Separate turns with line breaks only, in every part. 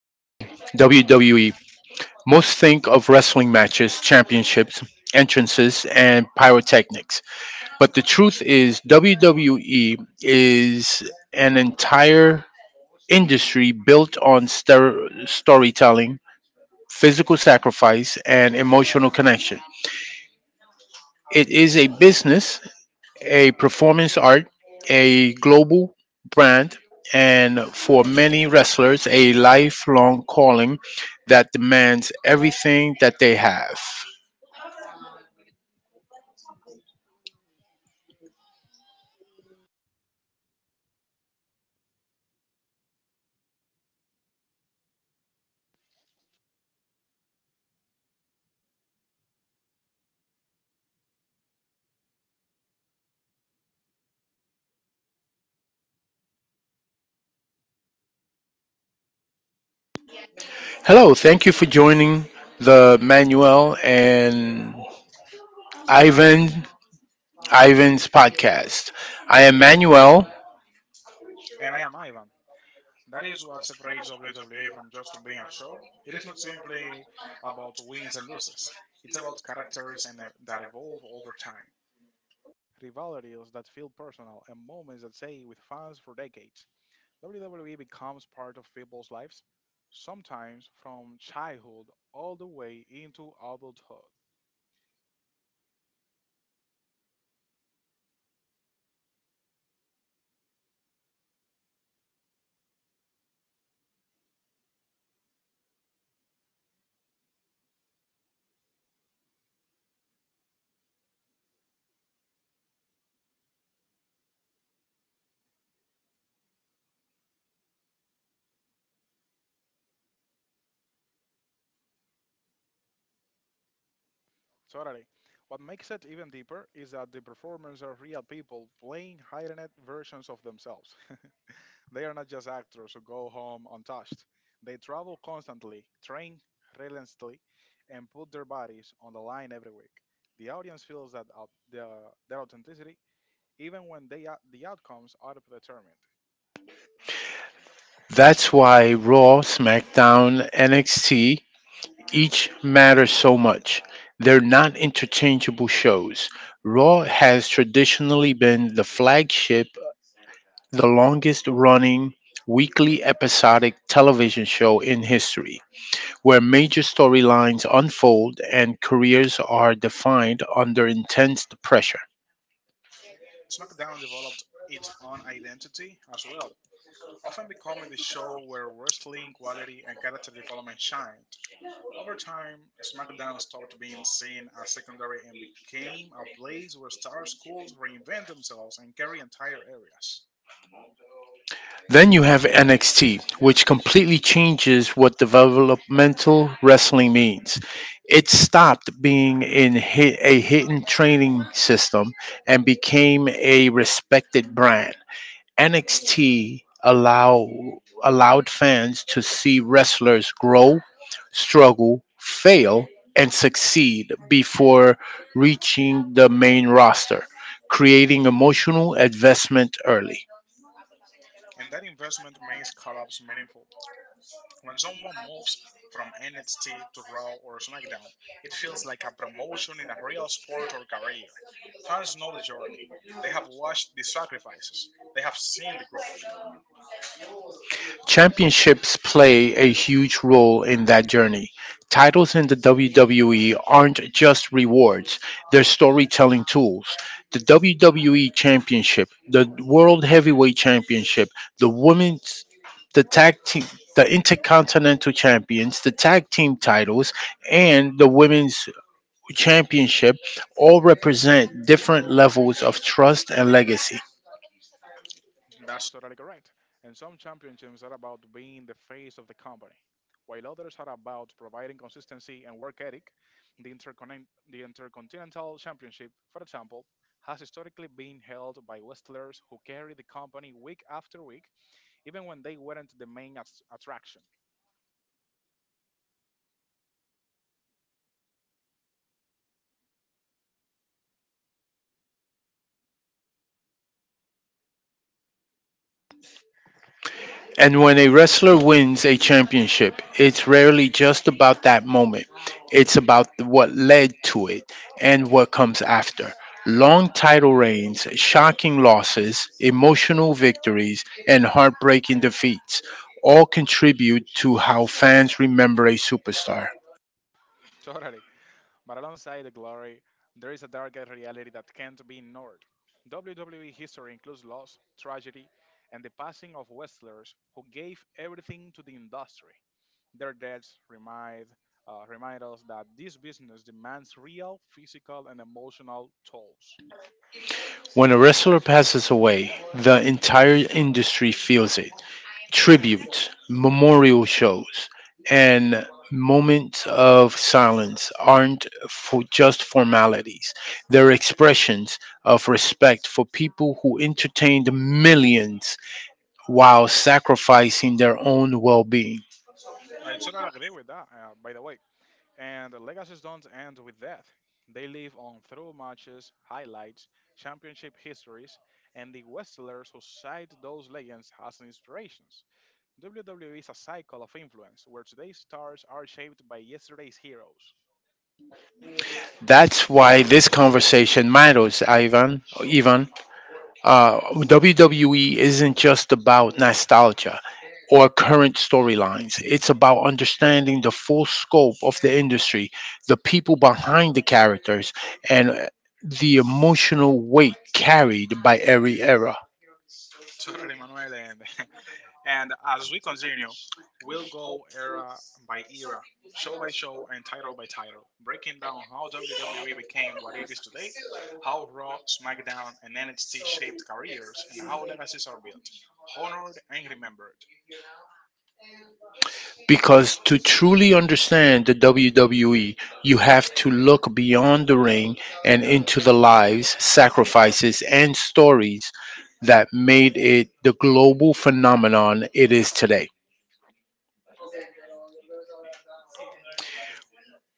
WWE, most think of wrestling matches, championships, entrances, and pyrotechnics. But the truth is, WWE is an entire industry built on storytelling, physical sacrifice, and emotional connection. It is a business, a performance art, a global brand, and for many wrestlers, a lifelong calling that demands everything that they have. Hello, thank you for joining the Manuel and Ivan Ivan's podcast. I am Manuel.
And I am Ivan. That is what separates WWE from just being a show. It is not simply about wins and losses, it's about characters and that evolve over time, rivalries that feel personal, and moments that stay with fans for decades. WWE becomes part of people's lives, sometimes from childhood all the way into adulthood. Totally. What makes it even deeper is that the performers are real people playing heightened versions of themselves. They are not just actors who go home untouched. They travel constantly, train relentlessly, and put their bodies on the line every week. The audience feels their authenticity, even when the outcomes are predetermined.
That's why Raw, SmackDown, NXT, each matters so much. They're not interchangeable shows. Raw has traditionally been the flagship, the longest running weekly episodic television show in history, where major storylines unfold and careers are defined under intense pressure.
SmackDown developed its own identity as well, often becoming the show where wrestling quality and character development shined. Over time, SmackDown stopped being seen as secondary and became a place where stars could reinvent themselves and carry entire areas.
Then you have NXT, which completely changes what developmental wrestling means. It stopped being a hidden training system and became a respected brand. NXT allow, allowed fans to see wrestlers grow, struggle, fail, and succeed before reaching the main roster, creating emotional investment early.
And that investment makes collabs meaningful. When someone moves from NXT to Raw or SmackDown, it feels like a promotion in a real sport or career. Fans know the journey. They have watched the sacrifices. They have seen the growth.
Championships play a huge role in that journey. Titles in the WWE aren't just rewards, they're storytelling tools. The WWE Championship, the World Heavyweight Championship, the Women's, the tag team, the intercontinental champions, the tag team titles, and the women's championship all represent different levels of trust and legacy.
That's totally correct. And some championships are about being the face of the company, while others are about providing consistency and work ethic. The Intercontinental Championship, for example, has historically been held by wrestlers who carry the company week after week, even when they weren't the main attraction.
And when a wrestler wins a championship, it's rarely just about that moment. It's about what led to it and what comes after. Long title reigns, shocking losses, emotional victories, and heartbreaking defeats all contribute to how fans remember a superstar.
Totally. But alongside the glory, there is a darker reality that can't be ignored. WWE history includes loss, tragedy, and the passing of wrestlers who gave everything to the industry. Their deaths remind us that this business demands real physical and emotional tolls.
When a wrestler passes away, the entire industry feels it. Tributes, memorial shows, and moments of silence aren't for just formalities. They're expressions of respect for people who entertained millions while sacrificing their own well-being.
I totally agree with that, by the way. And the legacies don't end with death. They live on through matches, highlights, championship histories, and the wrestlers who cite those legends as inspirations. WWE is a cycle of influence where today's stars are shaped by yesterday's heroes.
That's why this conversation matters, Ivan. WWE isn't just about nostalgia or current storylines. It's about understanding the full scope of the industry, the people behind the characters, and the emotional weight carried by every era.
Totally, Manuel. And, And as we continue, we'll go era by era, show by show, and title by title, breaking down how WWE became what it is today, how Raw, SmackDown, and NXT shaped careers, and how legacies are built, honored, and remembered.
Because to truly understand the WWE, you have to look beyond the ring and into the lives, sacrifices, and stories that made it the global phenomenon it is today.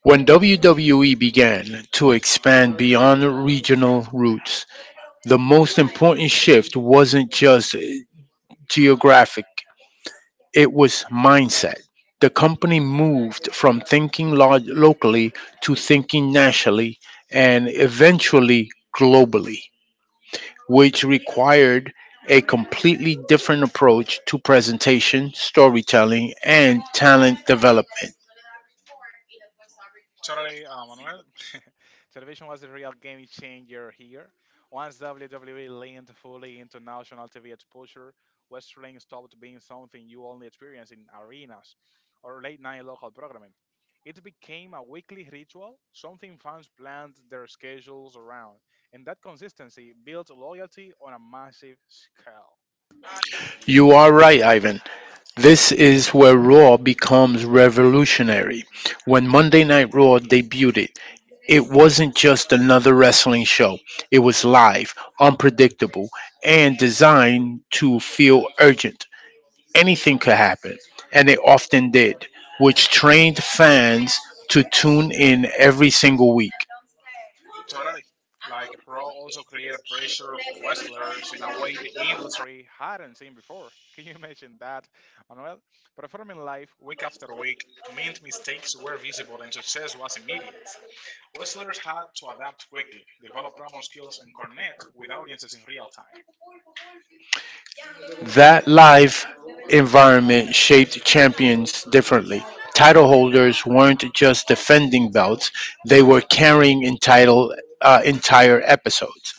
When WWE began to expand beyond regional roots, the most important shift wasn't just geographic, it was mindset. The company moved from thinking locally to thinking nationally and eventually globally, which required a completely different approach to presentation, storytelling, and talent development.
Totally, Manuel. Television was a real game changer here. Once WWE leaned fully into national TV exposure, wrestling stopped being something you only experience in arenas or late night local programming. It became a weekly ritual, something fans planned their schedules around, and that consistency built loyalty on a massive scale.
You are right, Ivan. This is where Raw becomes revolutionary. When Monday Night Raw debuted, it wasn't just another wrestling show. It was live, unpredictable, and designed to feel urgent. Anything could happen, and it often did, which trained fans to tune in every single week.
Totally. Like Raw also created pressure for wrestlers in a way the industry hadn't seen before. Can you imagine that, Manuel? Performing live week after week meant mistakes were visible and success was immediate. Wrestlers had to adapt quickly, develop promo skills, and connect with audiences in real time.
That live environment shaped champions differently. Title holders weren't just defending belts, they were carrying entire episodes.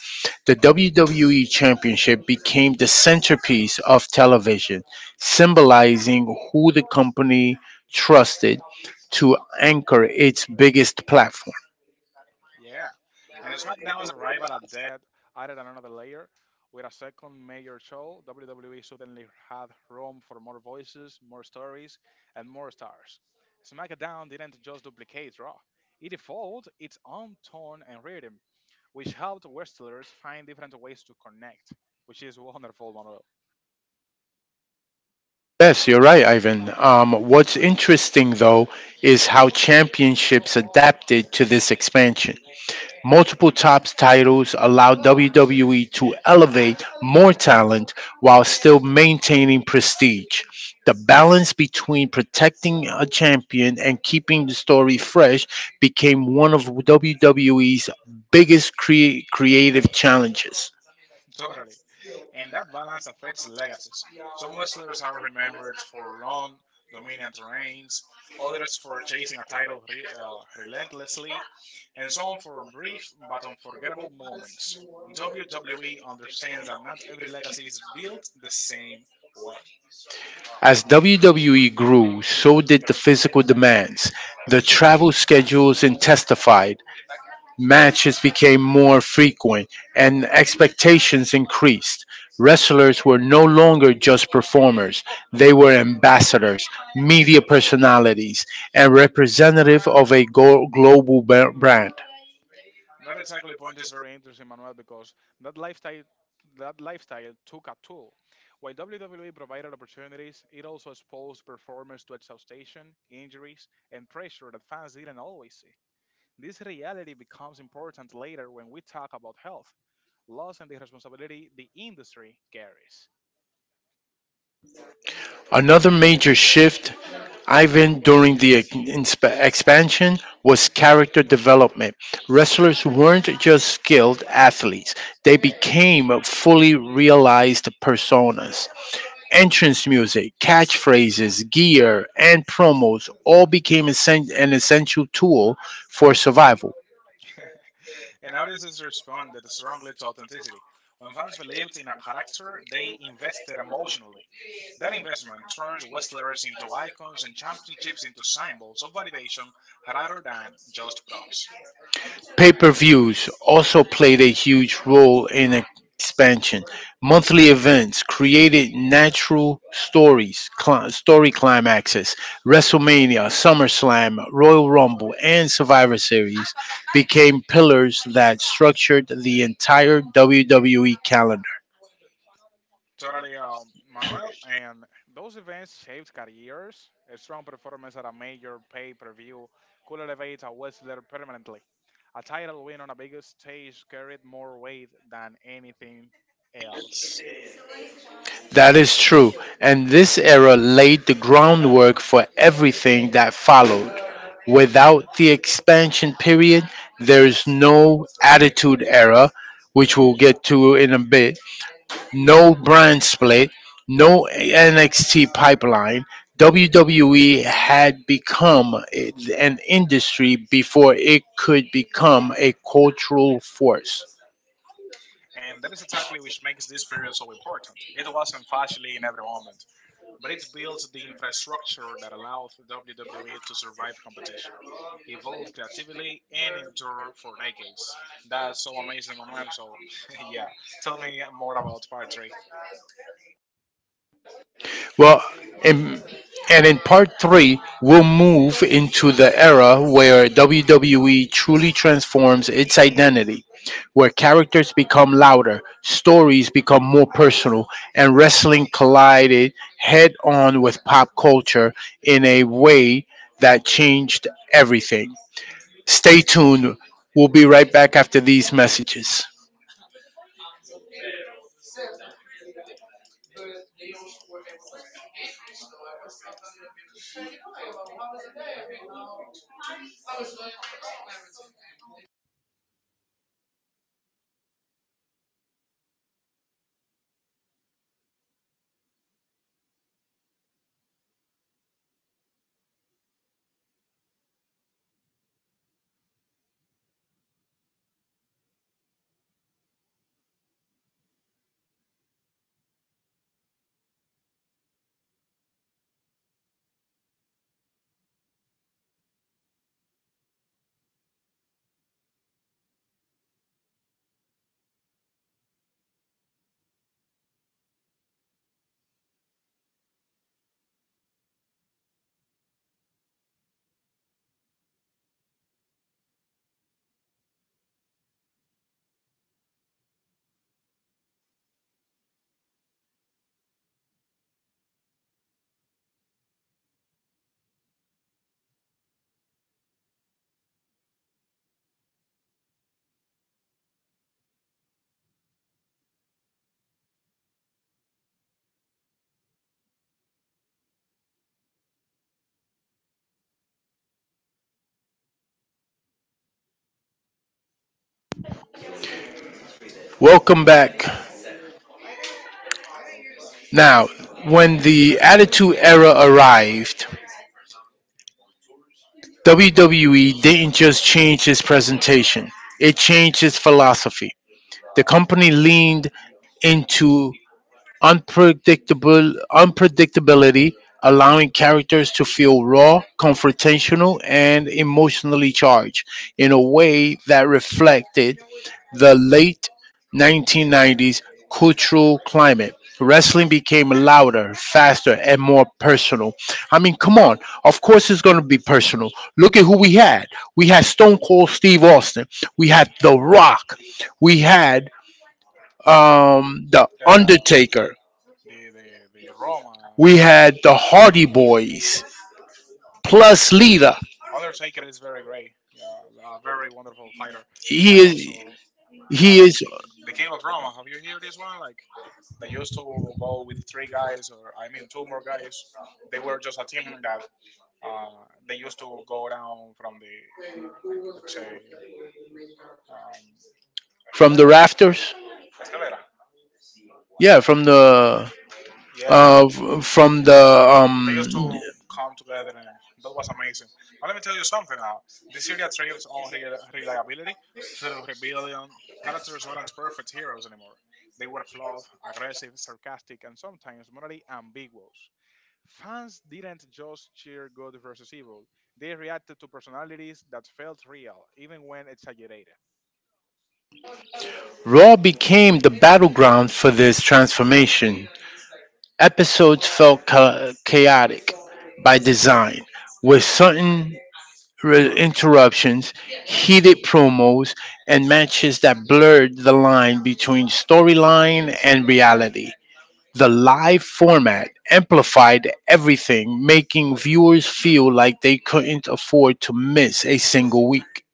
The WWE Championship became the centerpiece of television, symbolizing who the company trusted to anchor its biggest platform.
Yeah. And SmackDown's arrival at Dead added another layer. With a second major show, WWE suddenly had room for more voices, more stories, and more stars. SmackDown didn't just duplicate Raw, it evolved its own tone and rhythm, which helped wrestlers find different ways to connect, which is wonderful, Manuel.
Yes, you're right, Ivan. What's interesting, though, is how championships adapted to this expansion. Multiple top titles allowed WWE to elevate more talent while still maintaining prestige. The balance between protecting a champion and keeping the story fresh became one of WWE's biggest creative challenges.
Totally. And that balance affects legacies. Some wrestlers are remembered for long, dominant reigns, others for chasing a title relentlessly, and some for brief but unforgettable moments. WWE understands that not every legacy is built the same way.
As WWE grew, so did the physical demands. The travel schedules intensified. Matches became more frequent and expectations increased. Wrestlers were no longer just performers, they were ambassadors, media personalities, and representative of a global brand.
That exactly point is very interesting, Manuel, because that lifestyle that lifestyle took a toll. While WWE provided opportunities, it also exposed performers to exhaustion, injuries, and pressure that fans didn't always see. This reality becomes important later when we talk about health, loss, and the responsibility the industry carries.
Another major shift, Ivan, during the expansion was character development. Wrestlers weren't just skilled athletes, they became fully realized personas. Entrance music, catchphrases, gear, and promos all became an essential tool for survival.
And audiences responded strongly to authenticity. When fans believed in a character, they invested emotionally. That investment turns wrestlers into icons and championships into symbols of validation rather than just props.
Pay per views also played a huge role in expansion. Monthly events created natural story climaxes. WrestleMania, SummerSlam, Royal Rumble, and Survivor Series became pillars that structured the entire WWE calendar.
Totally, Manuel. And those events shaped careers. A strong performance at a major pay per view could elevate a wrestler permanently. A title win on a bigger stage carried more weight than anything else.
That is true, and this era laid the groundwork for everything that followed. Without the expansion period, there is no attitude era, which we'll get to in a bit, no brand split, no NXT pipeline. WWE had become an industry before it could become a cultural force.
And that is exactly which makes this period so important. It wasn't flashy in every moment, but it built the infrastructure that allowed WWE to survive competition, evolve creatively, and endure for decades. That's so amazing, Manuel. So, yeah, tell me more about part three.
Well, in, in part three, we'll move into the era where WWE truly transforms its identity, where characters become louder, stories become more personal, and wrestling collided head on with pop culture in a way that changed everything. Stay tuned. We'll be right back after these messages. Welcome back. Now, when the Attitude Era arrived, WWE didn't just change its presentation, it changed its philosophy. The company leaned into unpredictable unpredictability, allowing characters to feel raw, confrontational, and emotionally charged in a way that reflected the late 1990s cultural climate. Wrestling became louder, faster, and more personal. I mean, come on. Of course, it's going to be personal. Look at who we had. We had Stone Cold Steve Austin. We had The Rock. We had The
Uh,
Undertaker.
the Roma
We had The Hardy Boys. Plus Lita.
Undertaker is very great. Yeah, a very wonderful fighter,
He
and
is
also yeah,
he
like
is
the King of Roma. Have you heard this one? Like they used to go with three guys, or I mean, two more guys. They were just a team that they used to go down from the, let's say, um,
from the rafters. Yeah, from the
yeah,
f- from the um,
they used to come together, and that was amazing. But let me tell you something now. The Syria thrives on reliability through rebellion. Characters weren't perfect heroes anymore. They were flawed, aggressive, sarcastic, and sometimes morally ambiguous. Fans didn't just cheer good versus evil, they reacted to personalities that felt real, even when exaggerated.
Raw became the battleground for this transformation. Episodes felt chaotic by design, with interruptions, heated promos, and matches that blurred the line between storyline and reality. The live format amplified everything, making viewers feel like they couldn't afford to miss a single week.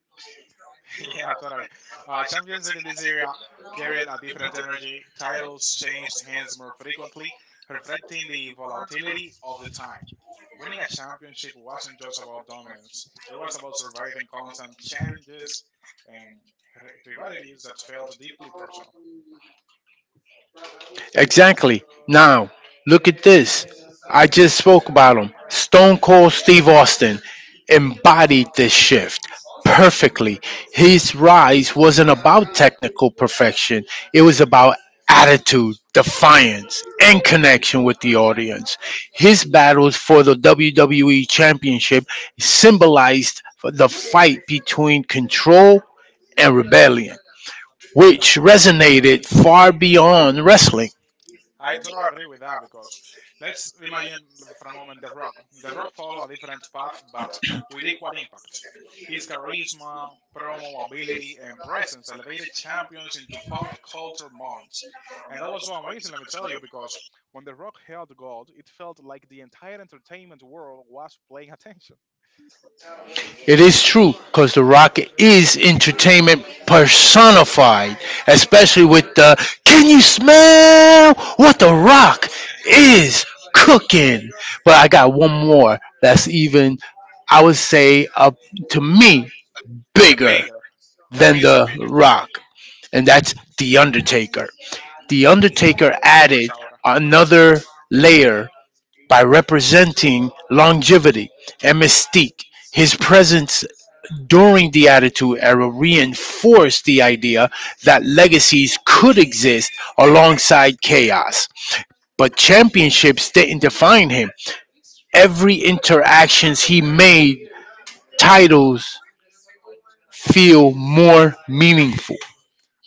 Yeah, totally. Champions in this area carried a different energy. Titles changed hands more frequently, reflecting the volatility of the time. Winning a championship wasn't just about dominance, it was about surviving constant challenges and rivalities that felt deeply personal.
Exactly. Now, look at this. I just spoke about him. Stone Cold Steve Austin embodied this shift perfectly. His rise wasn't about technical perfection, it was about attitude, defiance, and connection with the audience. His battles for the WWE Championship symbolized the fight between control and rebellion, which resonated far beyond wrestling.
I totally agree with that because let's imagine for a moment The Rock. The Rock followed a different path but with equal impact. His charisma, promo ability, and presence elevated champions into pop culture moments. And that was so amazing, let me tell you, because when The Rock held gold, it felt like the entire entertainment world was paying attention.
It is true, because The Rock is entertainment personified, especially with the "Can you smell what The Rock is cooking?" But I got one more that's even, I would say, to me,
The
bigger
bigger, for
than
me, is the
The
bigger.
Rock, and that's The Undertaker. The Undertaker
How much
added
hour?
another layer by representing longevity and mystique. His presence during the Attitude Era reinforced the idea that legacies could exist alongside chaos. But championships didn't define him. Every interactions he made, titles feel more meaningful.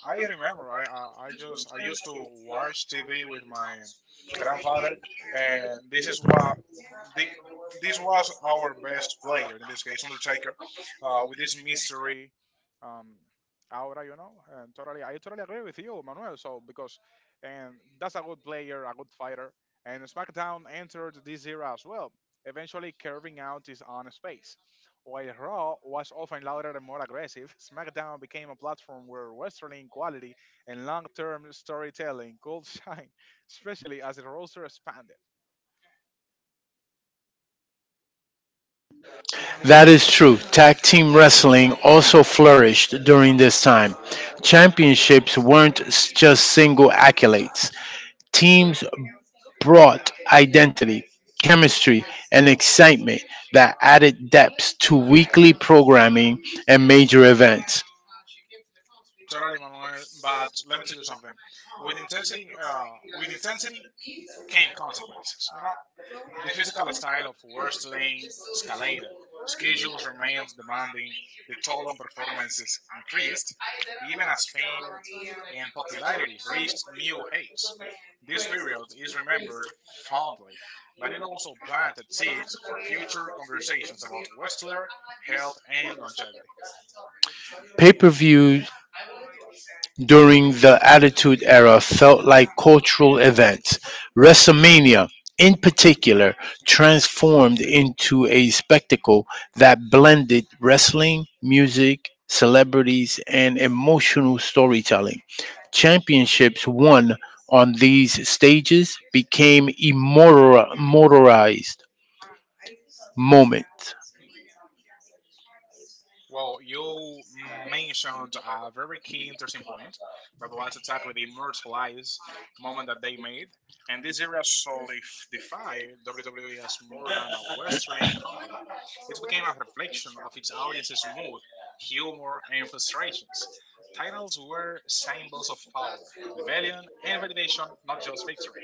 I remember. I used to watch TV with my grandfather, and this is what the, this was our best player in this case, Undertaker, with this mystery um, aura, you know. And totally, I totally agree with you, Manuel. So because and that's a good player, a good fighter. And SmackDown entered this era as well, eventually carving out its own space. While Raw was often louder and more aggressive, SmackDown became a platform where wrestling quality and long-term storytelling could shine, especially as the roster expanded.
That is true. Tag team wrestling also flourished during this time. Championships weren't just single accolades. Teams brought identity, chemistry, and excitement that added depth to weekly programming and major events.
Totally, Manuel. But let me tell you something. With intensity came consequences. You know, the physical style of wrestling escalated. Schedules remained demanding. The toll on performances increased, even as fame and popularity reached new heights. This period is remembered fondly, but it also planted seeds for future conversations about wrestler health and longevity.
Pay per view during the Attitude Era felt like cultural events. WrestleMania, in particular, transformed into a spectacle that blended wrestling, music, celebrities, and emotional storytelling. Championships won on these stages became immortalized moments.
Well, you mentioned a very key interesting point that was exactly the immortalized moment that they made. And this era solidified WWE as more than a wrestling company. It became a reflection of its audience's mood, humor, and frustrations. Titles were symbols of power, rebellion, and validation, not just victory.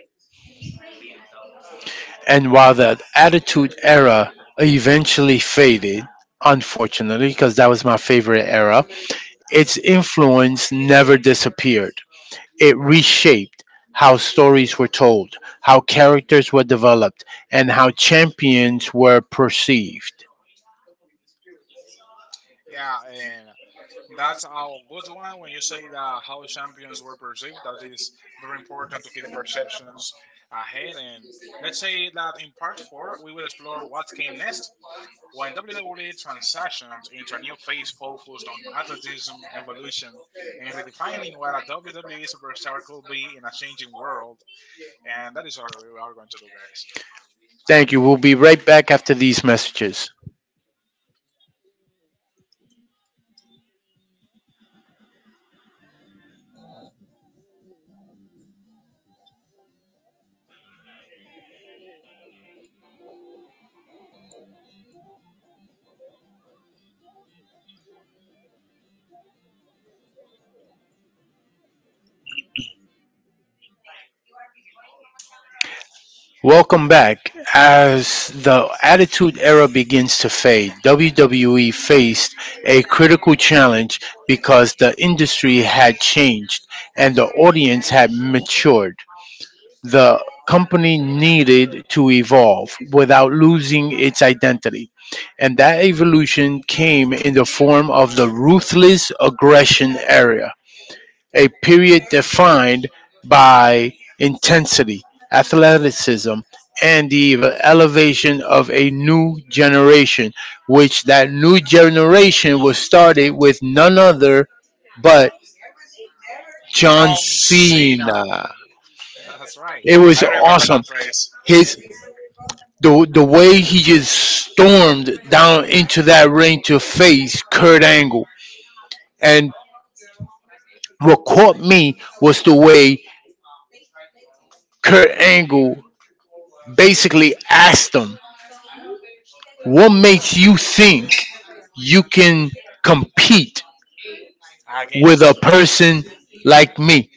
And while the Attitude Era eventually faded, unfortunately, because that was my favorite era, its influence never disappeared. It reshaped how stories were told, how characters were developed, and how champions were perceived.
Yeah, and that's a good one when you say that how champions were perceived. That is very important to keep the perceptions ahead. And let's say that in part four, we will explore what came next when WWE transitioned into a new phase focused on athleticism, evolution, and redefining what a WWE superstar could be in a changing world. And that is what we are going to do, guys.
Thank you. We'll be right back after these messages. Welcome back. As the Attitude Era begins to fade, WWE faced a critical challenge because the industry had changed and the audience had matured. The company needed to evolve without losing its identity. And that evolution came in the form of the ruthless aggression era, a period defined by intensity, athleticism, and the elevation of a new generation, which that new generation was started with none other but John
John Cena!
Cena.
That's right.
It was
I remember
awesome.
that phrase.
His, the way he just stormed down into that ring to face Kurt Angle. And what caught me was the way Kurt Angle basically asked him, "What makes you think you can compete with
Against
a person like me?"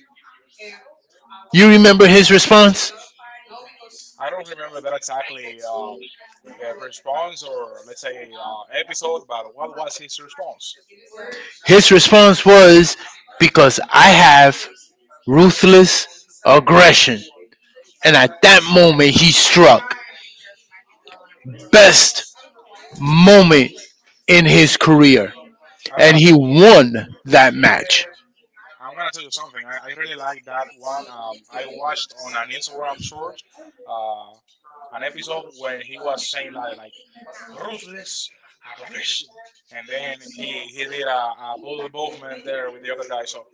You remember his response?
I don't remember that exactly response or let's say episode, but what was his response?
His response was, "Because I have ruthless aggression." And at that moment, he struck. Best moment in his career,
I'm
and
gonna
he won that match.
I'm gonna tell you something. I really like that one. I watched on an Instagram short uh, an episode when he was saying like ruthless aggression, and then he did a good movement there with the other guy. So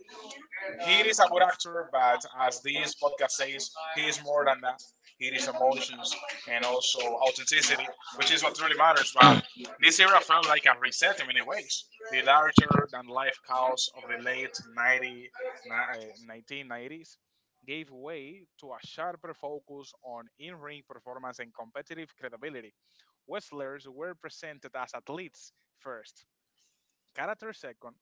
he is a good actor, but as this podcast says, he is more than that. He is emotions and also authenticity, which is what really matters. But this era felt like a reset in many ways. The larger than life chaos of the late 1990s gave way to a sharper focus on in ring performance and competitive credibility. Wrestlers were presented as athletes first, characters second,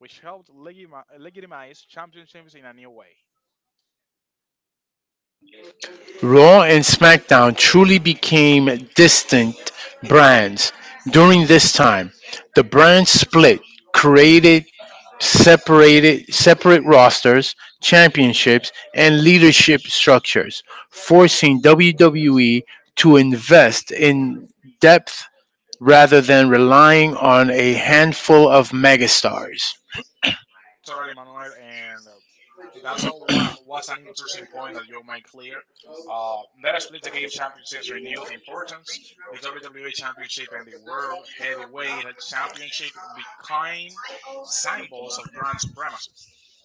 which helped legitimize championships in a new way.
Raw and SmackDown truly became distinct brands during this time. The brand split created separate rosters, championships, and leadership structures, forcing WWE to invest in depth rather than relying on a handful of megastars.
Totally, Manuel, and that's all. Was an interesting point that you made clear. That split gave championships renewed importance. The WWE Championship and the World Heavyweight Championship became symbols of brand supremacy.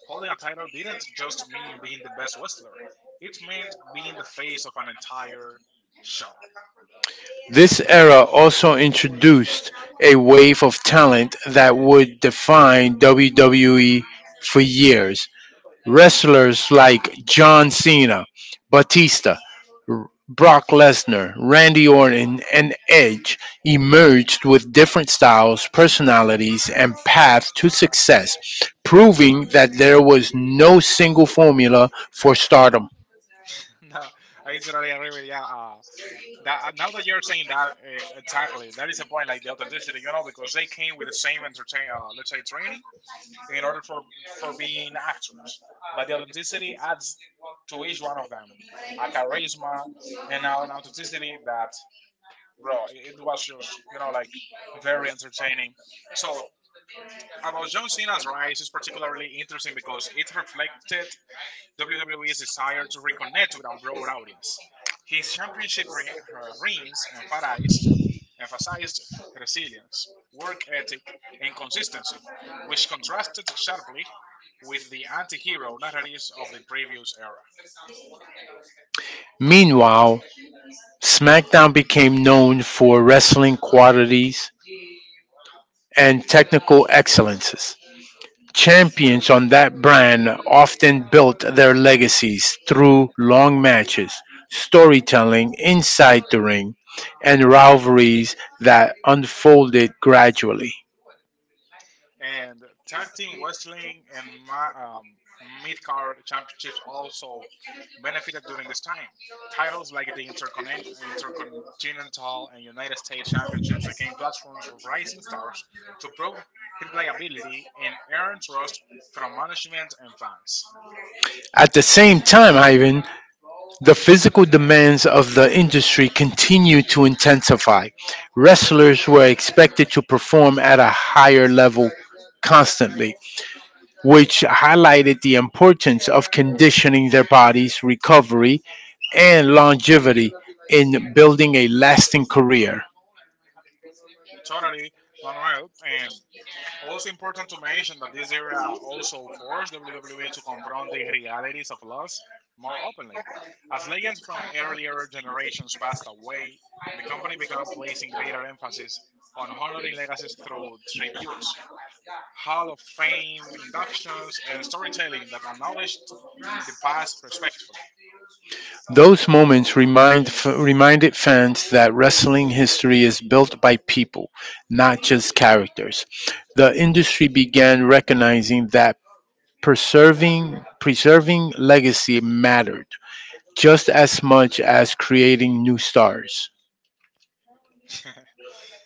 Holding a title didn't just mean being the best wrestler; it meant being the face of an entire show.
This era also introduced a wave of talent that would define WWE for years. Wrestlers like John Cena, Batista, Brock Lesnar, Randy Orton, and Edge emerged with different styles, personalities, and paths to success, proving that there was no single formula for stardom.
No, I totally agree with you. That Now that you're saying that, exactly, that is the point. Like the authenticity, you know, because they came with the same entertain, let's say, training in order for being actors, but the authenticity adds to each one of them a charisma and an authenticity that, bro, it was just you know like very entertaining. So about John Cena's rise is particularly interesting because it reflected WWE is desired to reconnect with a broad audience. His rings emphasized resilience, work ethic, and consistency, which contrasted sharply with the anti hero narratives of the previous era.
Meanwhile, SmackDown became known for wrestling qualities and technical excellences. Champions on that brand often built their legacies through long matches, storytelling inside the ring, and rivalries that unfolded gradually.
And tag team wrestling and my mid-card championships also benefited during this time. Titles like the Intercontinental and United States Championships became platforms for rising stars to prove his liability and earn trust from management and fans.
At the same time, Ivan, the physical demands of the industry continued to intensify. Wrestlers were expected to perform at a higher level constantly, which highlighted the importance of conditioning their body's recovery and longevity in building a lasting career.
Totally, Manuel, and also important to mention that this era also forced WWE to confront the realities of loss more openly. As legends from earlier generations passed away, the company began placing greater emphasis on honoring legacies through tributes, Hall of Fame inductions, and storytelling that acknowledged the past respectfully.
Those moments reminded fans that wrestling history is built by people, not just characters. The industry began recognizing that preserving legacy mattered just as much as creating new stars.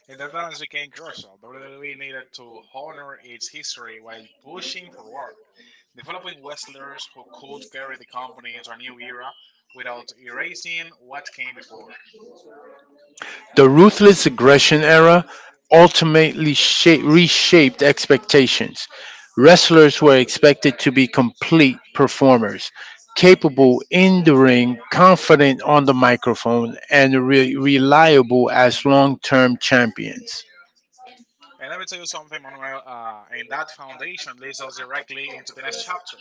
And that balance became crucial. WWE needed to honor its history while pushing forward, developing wrestlers who could carry the company into a new era without erasing what came before.
The ruthless aggression era ultimately reshaped expectations. Wrestlers were expected to be complete performers, capable in the ring, confident on the microphone, and reliable as long term champions.
And let me tell you something, Manuel, and that foundation leads us directly into the next chapter,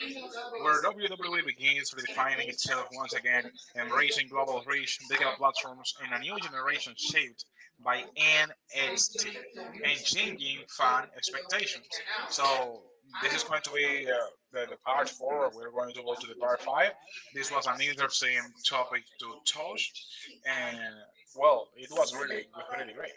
where WWE begins redefining itself once again, embracing global reach, digital platforms, and a new generation shaped by NXT and changing fan expectations. So, this is going to be the, part four. We're going to go to the part five. This was an interesting topic to touch, and well, it was really, really great.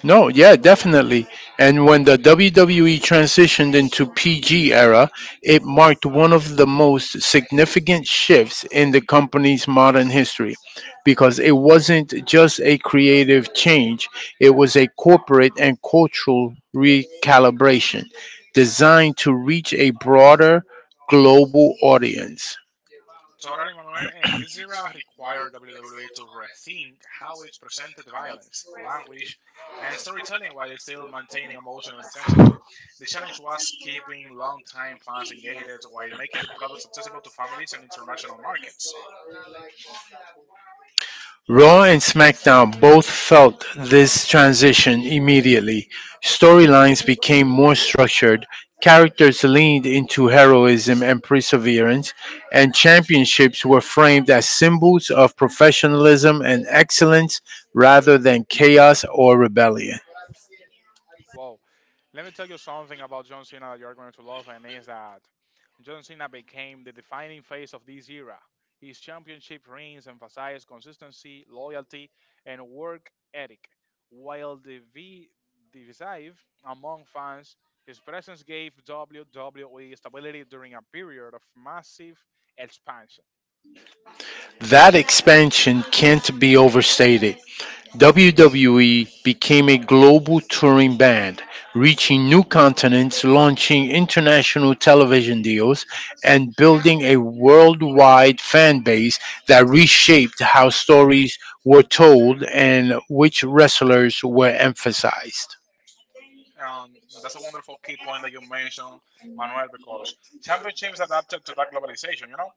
No, yeah, definitely. And when the WWE transitioned into PG era, it marked one of the most significant shifts in the company's modern history because it wasn't just a creative change, it was a corporate and cultural recalibration designed to reach a broader global audience.
Totally, Manuel, and this era required WWE to rethink how it presented violence, language, and storytelling while still maintaining emotional intensity. The challenge was keeping longtime fans engaged while making the products accessible to families and international markets.
Raw and SmackDown both felt this transition immediately. Storylines became more structured, characters leaned into heroism and perseverance, and championships were framed as symbols of professionalism and excellence rather than chaos or rebellion.
Whoa. Let me tell you something about John Cena that you're going to love, and is that John Cena became the defining face of this era. His championship reigns emphasize consistency, loyalty, and work ethic, while the divisive among fans. His presence gave WWE stability during a period of massive expansion.
That expansion can't be overstated. WWE became a global touring band, reaching new continents, launching international television deals, and building a worldwide fan base that reshaped how stories were told and which wrestlers were emphasized.
That's a wonderful key point that you mentioned, Manuel, because championships adapted to that globalization, you know?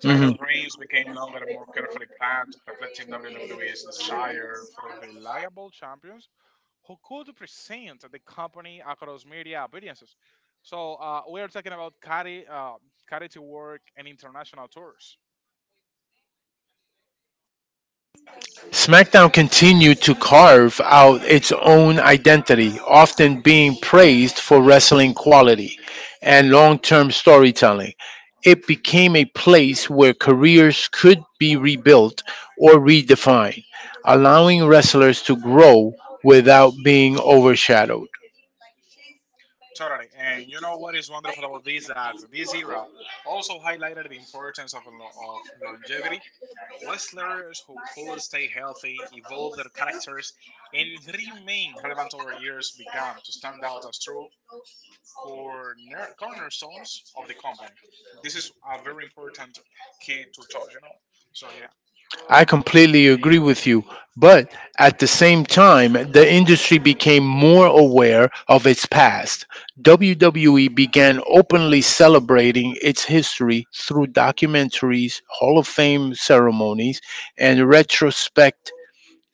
Title
Mhm.
reigns became longer and more carefully planned, reflecting WWE's desire for reliable champions who could present the company across media appearances. So we are talking about carry work and international tours.
SmackDown continued to carve out its own identity, often being praised for wrestling quality and long term storytelling. It became a place where careers could be rebuilt or redefined, allowing wrestlers to grow without being overshadowed.
Totally. And you know what is wonderful about this? That this era also highlighted the importance of, of longevity. Wrestlers who could stay healthy, evolve their characters, and remain relevant over years began to stand out as true cornerstones of the company. This is a very important key to touch, you know? So, yeah.
I completely agree with you, but at the same time, the industry became more aware of its past. WWE began openly celebrating its history through documentaries, Hall of Fame ceremonies, and retrospect,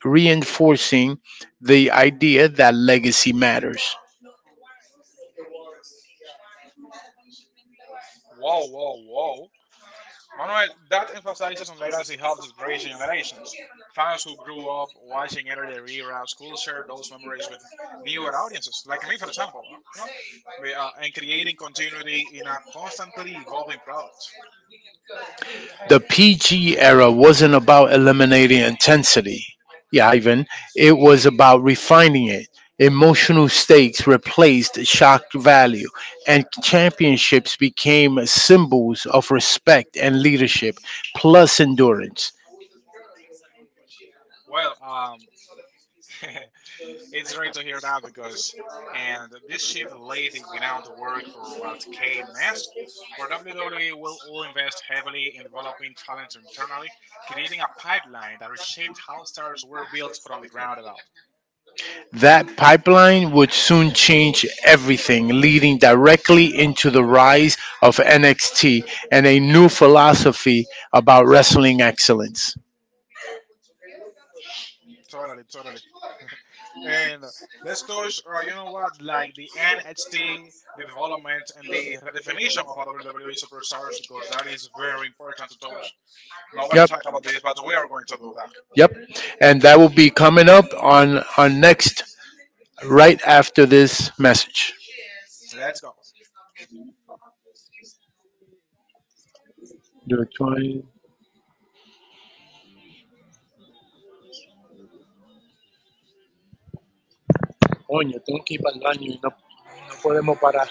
reinforcing the idea that legacy matters.
Whoa, whoa, whoa. Manuel, that emphasizes on legacy helped to create generations. Fans who grew up watching earlier eras could share those memories with newer audiences, like me, for example, you know, and creating continuity in a constantly evolving product.
The PG era wasn't about eliminating intensity, yeah, Ivan. It was about refining it. Emotional stakes replaced shock value, and championships became symbols of respect and leadership, plus endurance.
Well, it's great to hear that because, and this shift laid the groundwork for what came next, where WWE will all invest heavily in developing talent internally creating a pipeline that reshaped how stars were built from the ground up.
That pipeline would soon change everything, leading directly into the rise of NXT and a new philosophy about wrestling excellence.
Totally, totally. And let's touch, you know what, like the NXT, the development and the redefinition of our WWE superstars because that is very important to touch. Nobody
Yep.
talk about this, but we are going to do that.
Yep. And that will be coming up on on next right after this message.
Let's go.
Yo estoy- coño, tengo que ir pa'l baño y no, no podemos parar.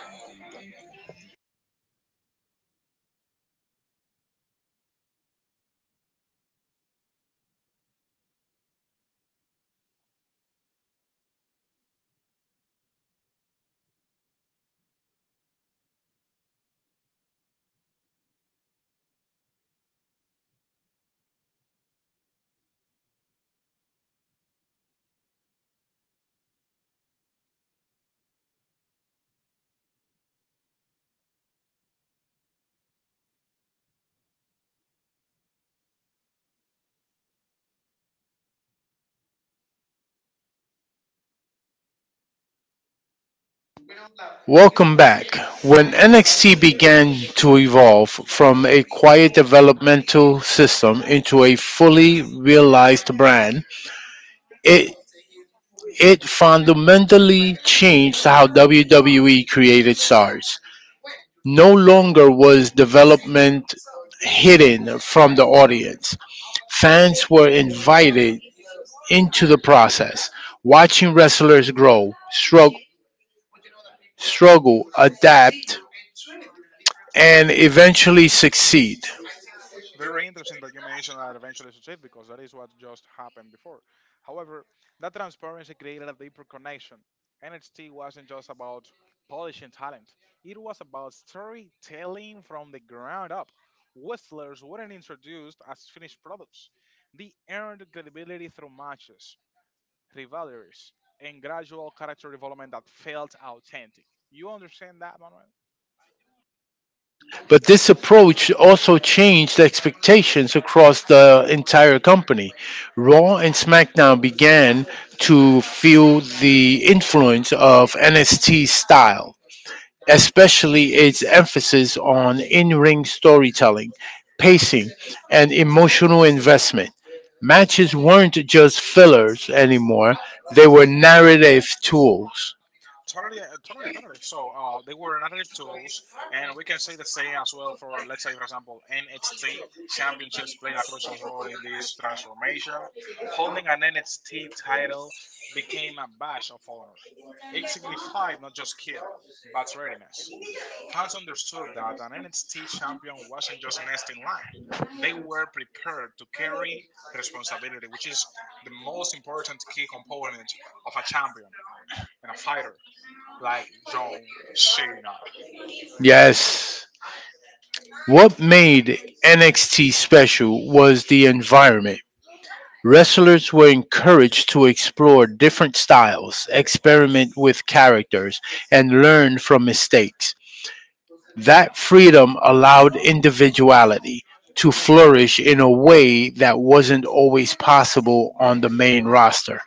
Welcome back. When NXT began to evolve from a quiet developmental system into a fully realized brand, it it fundamentally changed how WWE created stars. No longer was development hidden from the audience. Fans were invited into the process, watching wrestlers grow, struggle, adapt, and eventually succeed.
Very interesting that you mentioned that eventually succeed because that is what just happened before. However, that transparency created a deeper connection. NXT wasn't just about polishing talent, it was about storytelling from the ground up. Wrestlers weren't introduced as finished products, they earned credibility through matches, rivalries, and gradual character development that felt authentic. You understand that, Manuel?
But this approach also changed expectations across the entire company. Raw and SmackDown began to feel the influence of NXT style, especially its emphasis on in ring storytelling, pacing, and emotional investment. Matches weren't just fillers anymore, they were narrative tools.
Totally, totally. So they were narrative tools, and we can say the same as well for, let's say, for example, NHT championships played a crucial role in this transformation. Holding an NHT title became a badge of honor. It signified not just skill, but readiness. Fans understood that an NHT champion wasn't just next in line. They were prepared to carry responsibility, which is the most important key component of a champion and a fighter like John Cena.
Yes. What made NXT special was the environment. Wrestlers were encouraged to explore different styles, experiment with characters, and learn from mistakes. That freedom allowed individuality to flourish in a way that wasn't always possible on the main roster.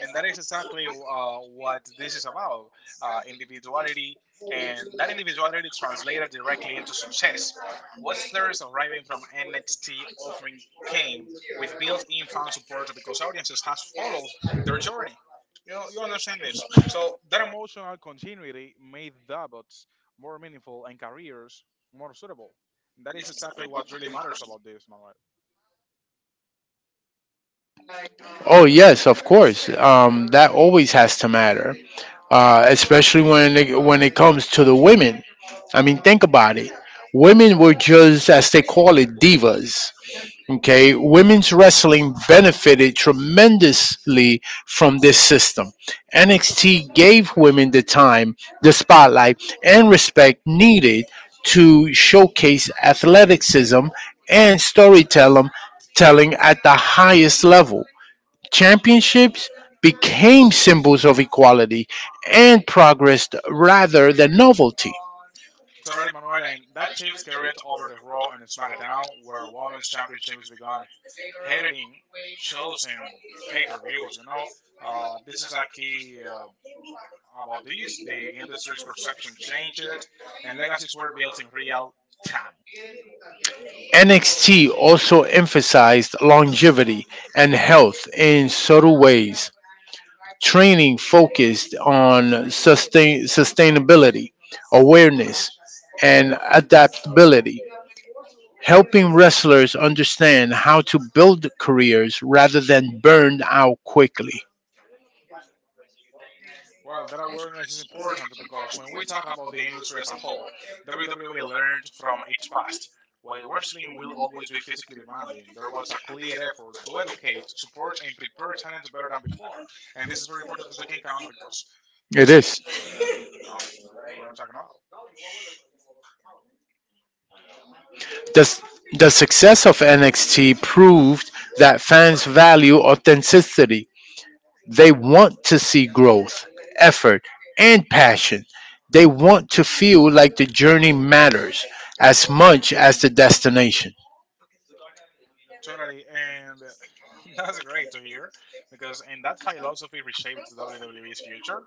And that is exactly what this is about, individuality. And that individuality translated directly into success. Wrestlers arriving from NXT often came with built in fan support because audiences has followed their journey. You know, you understand this. So that emotional continuity made debuts more meaningful and careers more suitable. That is exactly what really matters about this, Manuel.
Oh yes, of course. That always has to matter, especially when when it comes to the women. I mean, think about it. Women were just as they call it divas. Okay, women's wrestling benefited tremendously from this system. NXT gave women the time, the spotlight, and respect needed to showcase athleticism and storytelling telling at the highest level. Championships became symbols of equality and progress rather than novelty.
Totally, Manuel, and that shift carried over the Raw and SmackDown, where Women's Championships began heading shows and pay-per-views. You know, this is a key about this. The industry's perception changed, and legacies were built in real time.
NXT also emphasized longevity and health in subtle ways. Training focused on sustainability, awareness, and adaptability, helping wrestlers understand how to build careers rather than burn out quickly.
Well, that awareness is important because when we talk about the industry as a whole, WWE learned from its past. While wrestling will always be physically demanding, there was a clear effort to educate, support, and prepare talent better than before. And this is very important to take in account because, let's
It
say,
is.
you know, what we're talking about.
The, s- the success of NXT proved that fans value authenticity. They want to see growth, effort, and passion. They want to feel like the journey matters as much as the destination.
Totally, and that's great to hear because, and that philosophy reshaped the WWE's future.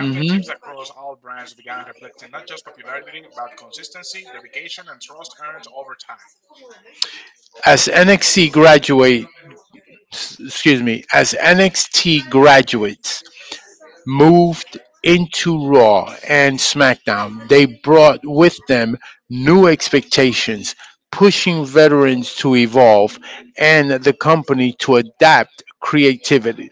Mhm.
across all brands began reflecting not just popularity, but consistency, dedication, and trust earned over time.
As NXT graduates, excuse me, as NXT graduates moved into Raw and SmackDown, they brought with them new expectations, pushing veterans to evolve and the company to adapt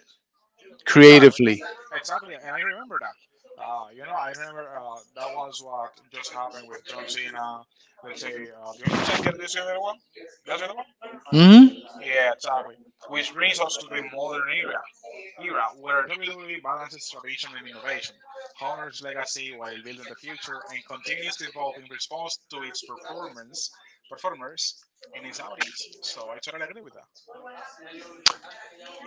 Exactly,
creatively.
exactly, and I remember that. You know, I remember that was what just happened with John Cena. Let's say the Undertaker. This the other one. That's the other one.
Mhm.
Yeah, exactly. Which brings us to the era where WWE balances tradition and innovation, honors legacy while building the future, and continues to evolve in response to its performers, and its audience. So I totally agree with that.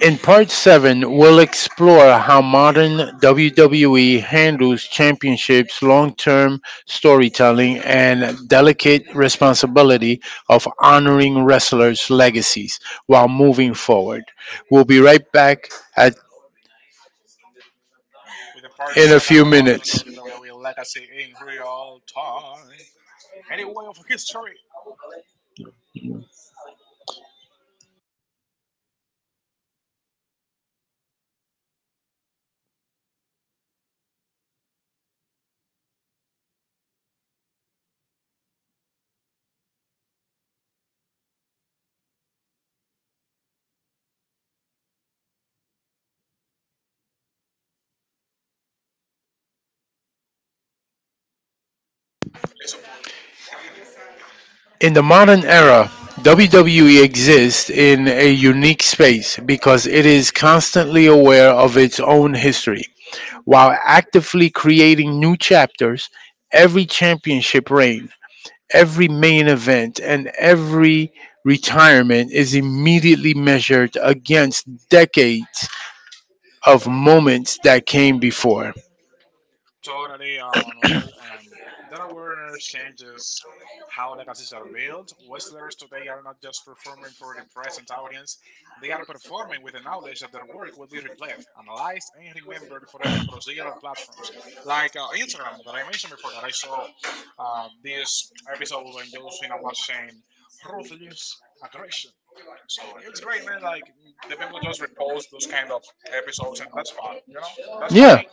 In part 7, we'll explore how modern WWE handles championships, long term storytelling, and delicate responsibility of honoring wrestlers' legacies while moving forward. We'll be right back at,
With the part
in a
seven
few
modern
minutes.
WWE legacy in real time, any way of history.
In the modern era, WWE exists in a unique space because it is constantly aware of its own history, while actively creating new chapters. Every championship reign, every main event, and every retirement is immediately measured against decades of moments that came before.
Totally, Manuel. That awareness changes how legacies are built. Wrestlers today are not just performing for the present audience, they are performing with the knowledge that their work will be replayed, analyzed, and remembered forever across digital platforms. Like Instagram, that I mentioned before, that I saw this episode when Josephina was saying ruthless aggression. So it's great, man. Like the people just repost those kind of episodes, and that's fun. You know, that's funny.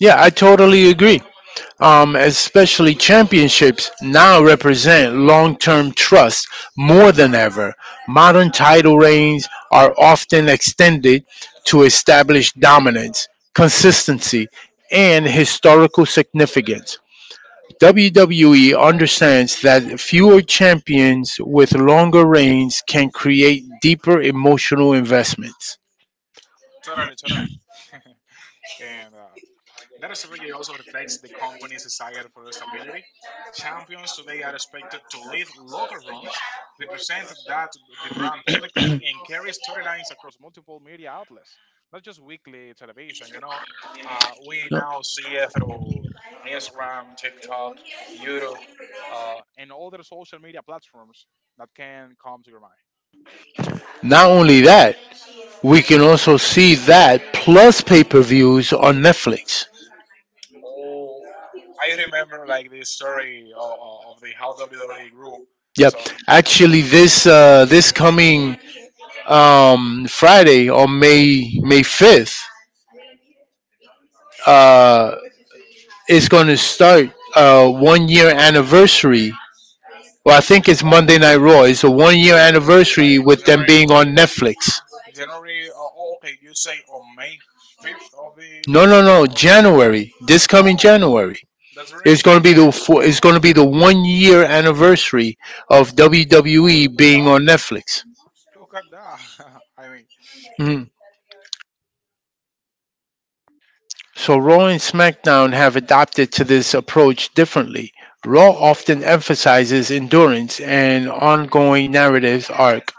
Yeah, I totally agree. Especially championships now represent long term trust more than ever. Modern title reigns are often extended to establish dominance, consistency, and historical significance. WWE understands that fewer champions with longer reigns can create deeper emotional investments.
Totally, totally. And that strategy also reflects the company's desire for stability. Champions today are expected to lead local runs, represent that the brand publicly, and carry storylines across multiple media outlets, not just weekly television. You know, we now see it through Instagram, TikTok, YouTube, and other social media platforms that can come to your mind.
Not only that, we can also see that plus pay-per-views on Netflix.
I remember like the story of the how WWE grew.
Yep.
So
Actually, this coming Friday on May fifth uh, is going to start one year anniversary. Well, I think it's
oh,
Monday Night Raw. It's a one year anniversary
by
with them
January,
being on Netflix.
January. Oh, oh, okay. You say on May 5th of the
No,
next
no,
year
no.
or January.
January. This coming
Oh,
January.
that's very
It's going
interesting
to be
to hear.
the one year anniversary of
Oh,
WWE
look at that!
being on Netflix.
Look at that! I mean,
Mhm. So Raw and SmackDown have adapted to this approach differently. Raw often emphasizes endurance and ongoing narrative arc,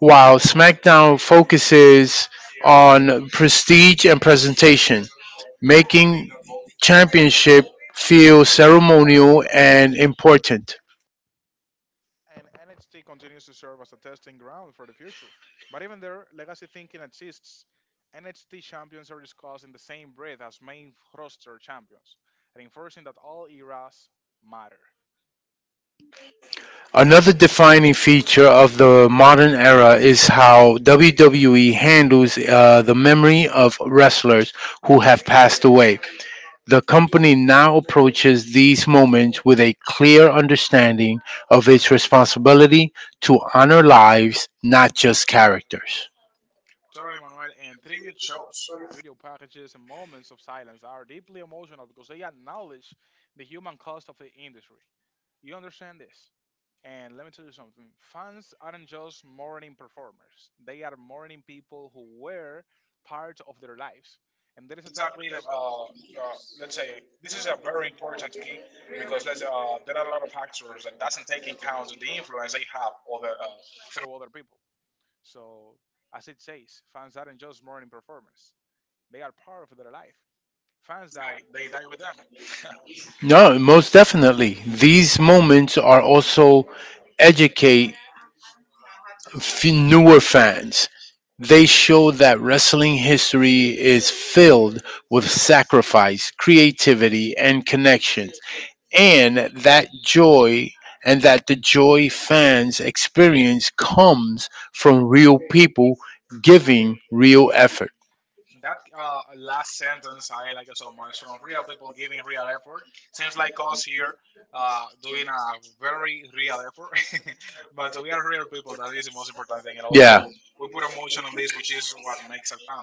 while SmackDown focuses on prestige and presentation, making championship feel ceremonial and important.
and NXT continues to serve as a testing ground for the future. But even there, legacy thinking exists. NXT champions are discussed in the same breath as main roster champions, reinforcing that all eras matter.
Another defining feature of the modern era is how WWE handles the memory of wrestlers who have passed away. The company now approaches these moments with a clear understanding of its responsibility to honor lives, not just characters.
Totally, Manuel. And tribute shows, video packages, and moments of silence are deeply emotional because they acknowledge the human cost of the industry. You understand this? And let me tell you something, fans aren't just mourning performers, they are mourning people who were part of their lives. And that is exactly let's say, this is a very important key because there are a lot of factors that doesn't take in account the influence they have other, through other people. So, as it says, fans aren't just morning performers; they are part of their life. Fans die; they die with them.
No, most definitely. These moments are also educate newer fans. They show that wrestling history is filled with sacrifice, creativity, and connection, and that the joy fans experience comes from real people giving real effort.
That last sentence I like so much, from real people giving real effort. Seems like us here doing a very real effort, but we are real people. That is the most important thing, and yeah,
Yeah,
also we put emotion on this, which is what makes a fan.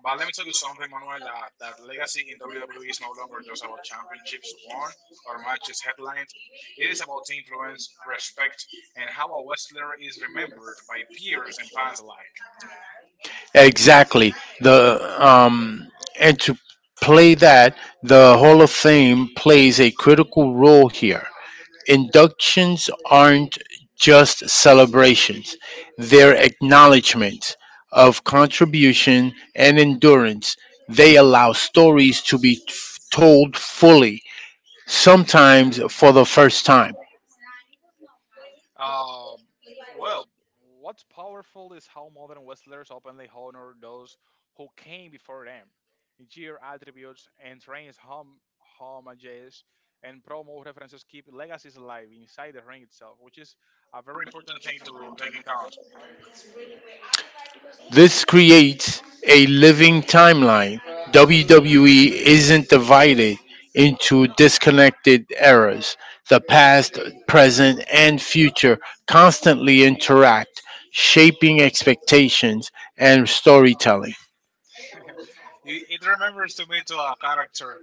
But let me tell you something, Manuel, that legacy in WWE is no longer just about championships won or matches headlined. It is about influence, respect, and how a wrestler is remembered by peers and fans alike.
exactly. The and to play that the Hall of Fame plays a critical role here. Inductions aren't just celebrations, they're acknowledgments of contribution and endurance. They allow stories to be told fully, sometimes for the first time.
Uh, well, what's powerful is how modern wrestlers openly honor those who came before them, jeer attributes and trains homages and promo references keep legacies alive inside the ring itself, which is a very important thing to take in account.
This creates a living timeline. WWE isn't divided into disconnected eras. The past, present, and future constantly interact, shaping expectations and storytelling.
It remembers to me to a character.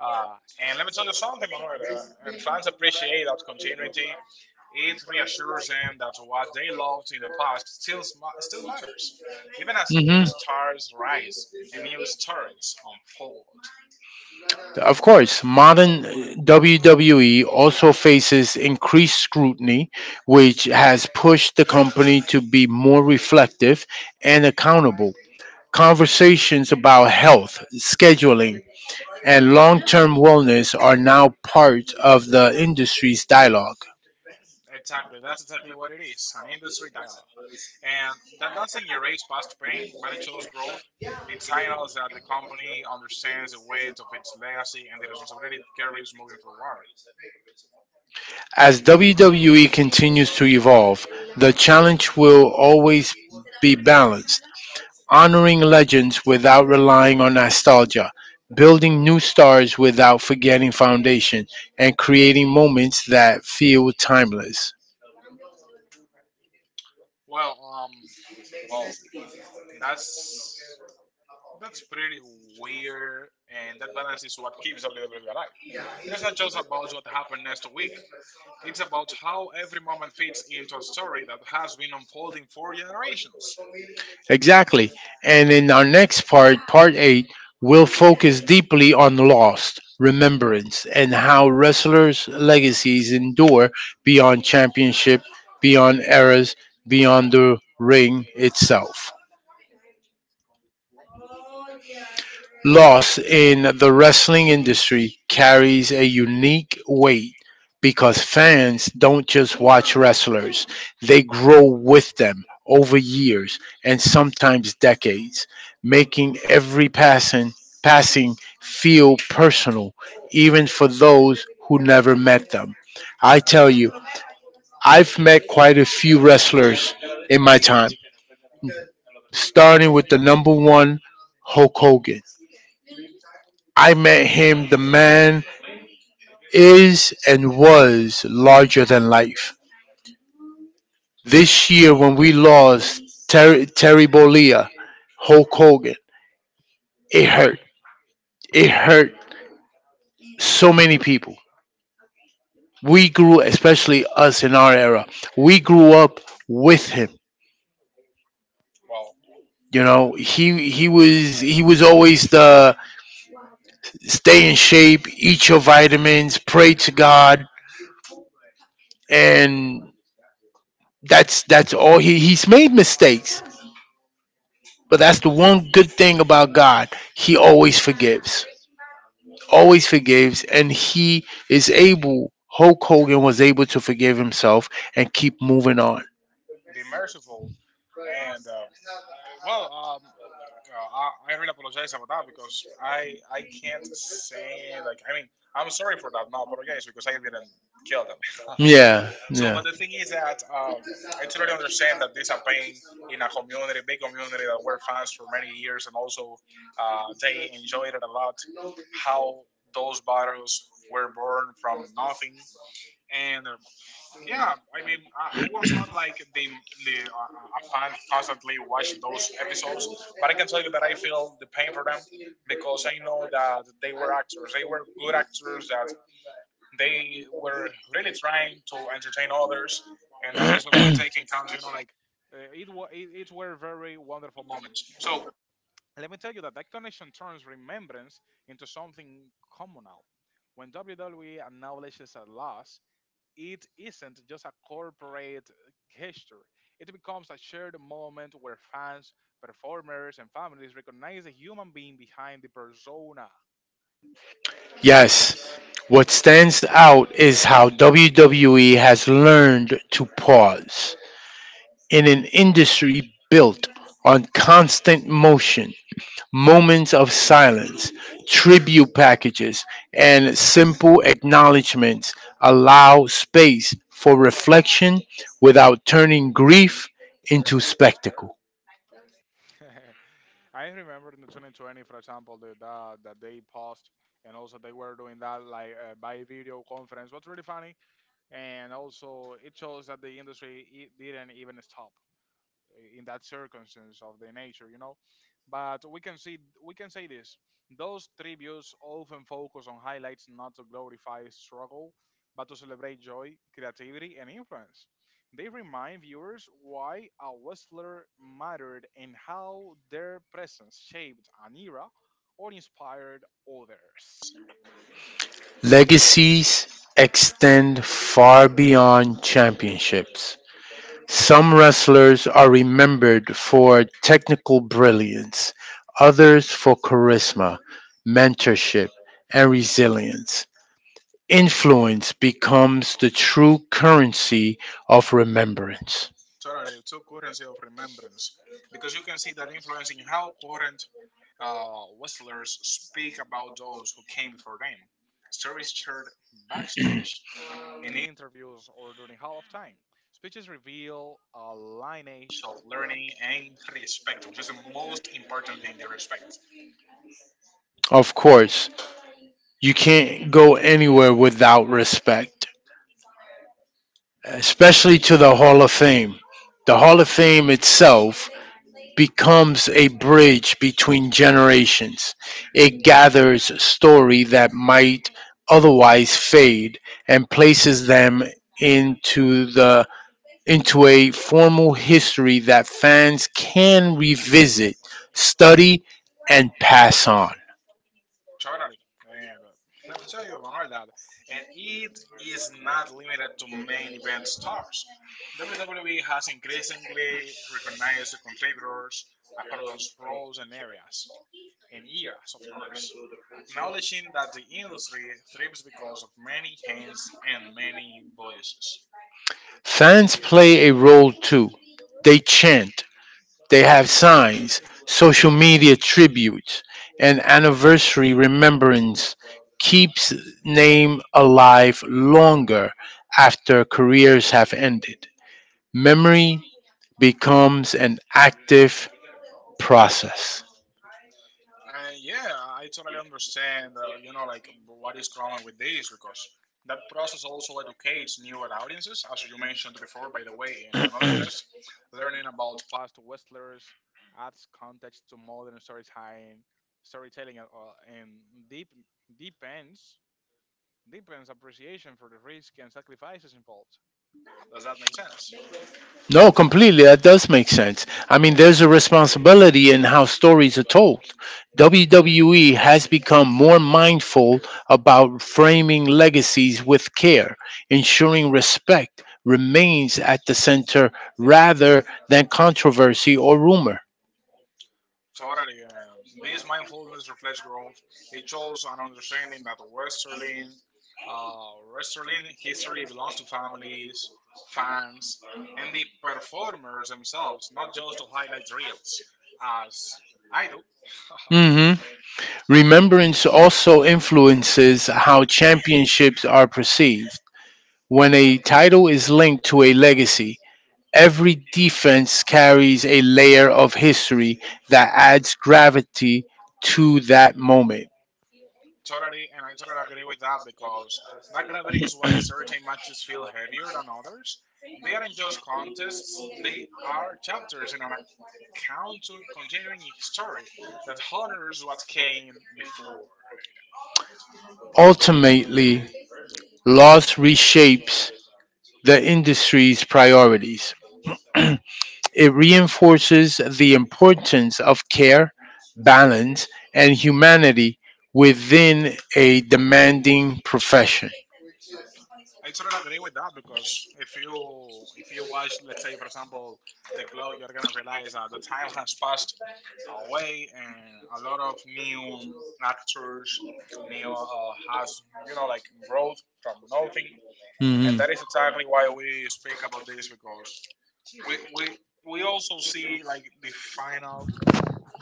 And let me tell you something, Manuel. And fans appreciate that continuity. It reassures them that what they loved in the past still still matters, even as new stars
Mhm.
rise and new stories unfold.
Of course, modern WWE also faces increased scrutiny, which has pushed the company to be more reflective and accountable. Conversations about health, scheduling, and long term wellness are now part of the industry's dialogue.
Exactly, that's exactly what it is, an industry dialogue. And that doesn't erase past pain, but it shows growth. It signals that the company understands the weight of its legacy and the responsibility it carries moving forward.
As WWE continues to evolve, the challenge will always be balanced honoring legends without relying on nostalgia, building new stars without forgetting foundation, and creating moments that feel timeless.
Well, um, well, that's that's pretty weird, and that balance is what keeps WWE alive. It is not just about what happened next week. It's about how every moment fits into a story that has been unfolding for generations.
Exactly. And in our next part, part eight, we'll focus deeply on lost remembrance and how wrestlers' legacies endure beyond championship, beyond eras, beyond the ring itself. Loss in the wrestling industry carries a unique weight because fans don't just watch wrestlers, they grow with them over years and sometimes decades, making every passing feel personal even for those who never met them. I tell you, I've met quite a few wrestlers in my time, starting with the number 1, Hulk Hogan. I met him, the man is and was larger than life. This year, when we lost Terry Bollea, Hulk Hogan, it hurt. It hurt so many people. We grew, especially us in our era, we grew up with him.
Well,
You know, he was always the stay in shape, eat your vitamins, pray to God, and that's all he's made mistakes. But that's the one good thing about God. He always forgives, and He is able. Hulk Hogan was able to forgive himself and keep moving on.
the merciful and uh, Well, um, uh, I, I really apologize about that because I can't say, like, I mean, I'm sorry for that. No apologize, because I didn't kill them.
Yeah, yeah.
But the thing is that I totally understand that this a pain in a community, big community that were fans for many years, and also they enjoyed it a lot. How those battles were born from nothing, and yeah, I was not like the a fan constantly watch those episodes, but I can tell you that I feel the pain for them because I know that they were actors, they were good actors, that they were really trying to entertain others, and that is what we take in count, you know, like it it were very wonderful moments. So let me tell you that that connection turns remembrance into something communal. When WWE acknowledges a loss, it isn't just a corporate gesture. It becomes a shared moment where fans, performers, and families recognize the human being behind the persona.
Yes. What stands out is how WWE has learned to pause in an industry built on constant motion. Moments of silence, tribute packages, and simple acknowledgments allow space for reflection without turning grief into spectacle.
I remember in the 2020, for example, the, that that they paused, and also they were doing that like by video conference. What's really funny, and also it shows that the industry it didn't even stop in that circumstance of the nature, you know. But we can see, we can say this: those tributes often focus on highlights not to glorify struggle, but to celebrate joy, creativity, and influence. They remind viewers why a wrestler mattered and how their presence shaped an era or inspired others.
Legacies extend far beyond championships. Some wrestlers are remembered for technical brilliance, others for charisma, mentorship, and resilience. Influence becomes the true currency of remembrance.
Totally, two currency of remembrance, because you can see that influence in how current wrestlers speak about those who came before them. Stories shared backstage, in interviews, or during halftime. Speeches reveal a lineage of learning and respect, which is the most important thing. The respect.
Of course, you can't go anywhere without respect, especially to the Hall of Fame. The Hall of Fame itself becomes a bridge between generations. It gathers story that might otherwise fade and places them into the into a formal history that fans can revisit, study, and pass on.
Totally. And let me tell you, Manuel, that, and it is not limited to main event stars. WWE has increasingly recognized the contributors across roles and areas, and eras, of course, acknowledging that the industry thrives because of many hands and many voices.
Fans play a role too. They chant, they have signs, social media tributes, and anniversary remembrance keeps name alive longer after careers have ended. Memory becomes an active process.
Yeah, I totally understand, you know, like, what is common with this, because that process also educates newer audiences, as you mentioned before, by the way, in another test. Learning about past wrestlers adds context to modern storytelling, and deep, deepens, deepens appreciation for the risk and sacrifices involved. Does that make sense?
No, completely. That does make sense. I mean, there's a responsibility in how stories are told. WWE has become more mindful about framing legacies with care, ensuring respect remains at the center rather than controversy or rumor.
Totally. This mindfulness reflects growth. It shows an understanding that uh, Westerling history belongs to families, fans, and the performers themselves, not just to highlight reels, as I do.
hmm Remembrance also influences how championships are perceived. When a title is linked to a legacy, every defense carries a layer of history that adds gravity to that moment.
Totally, and I totally agree with that, because that gravity is why certain matches feel heavier than others. They aren't just contests; they are chapters in an continuing story that honors what came before.
Ultimately, loss reshapes the industry's priorities. It reinforces the importance of care, balance, and humanity within a demanding profession.
I totally agree with that, because if you watch, let's say for example, the glow, you're gonna realize that the time has passed away, and a lot of new actors, new has, you know, like growth from nothing, and that is exactly why we speak about this, because we we we also see like the final,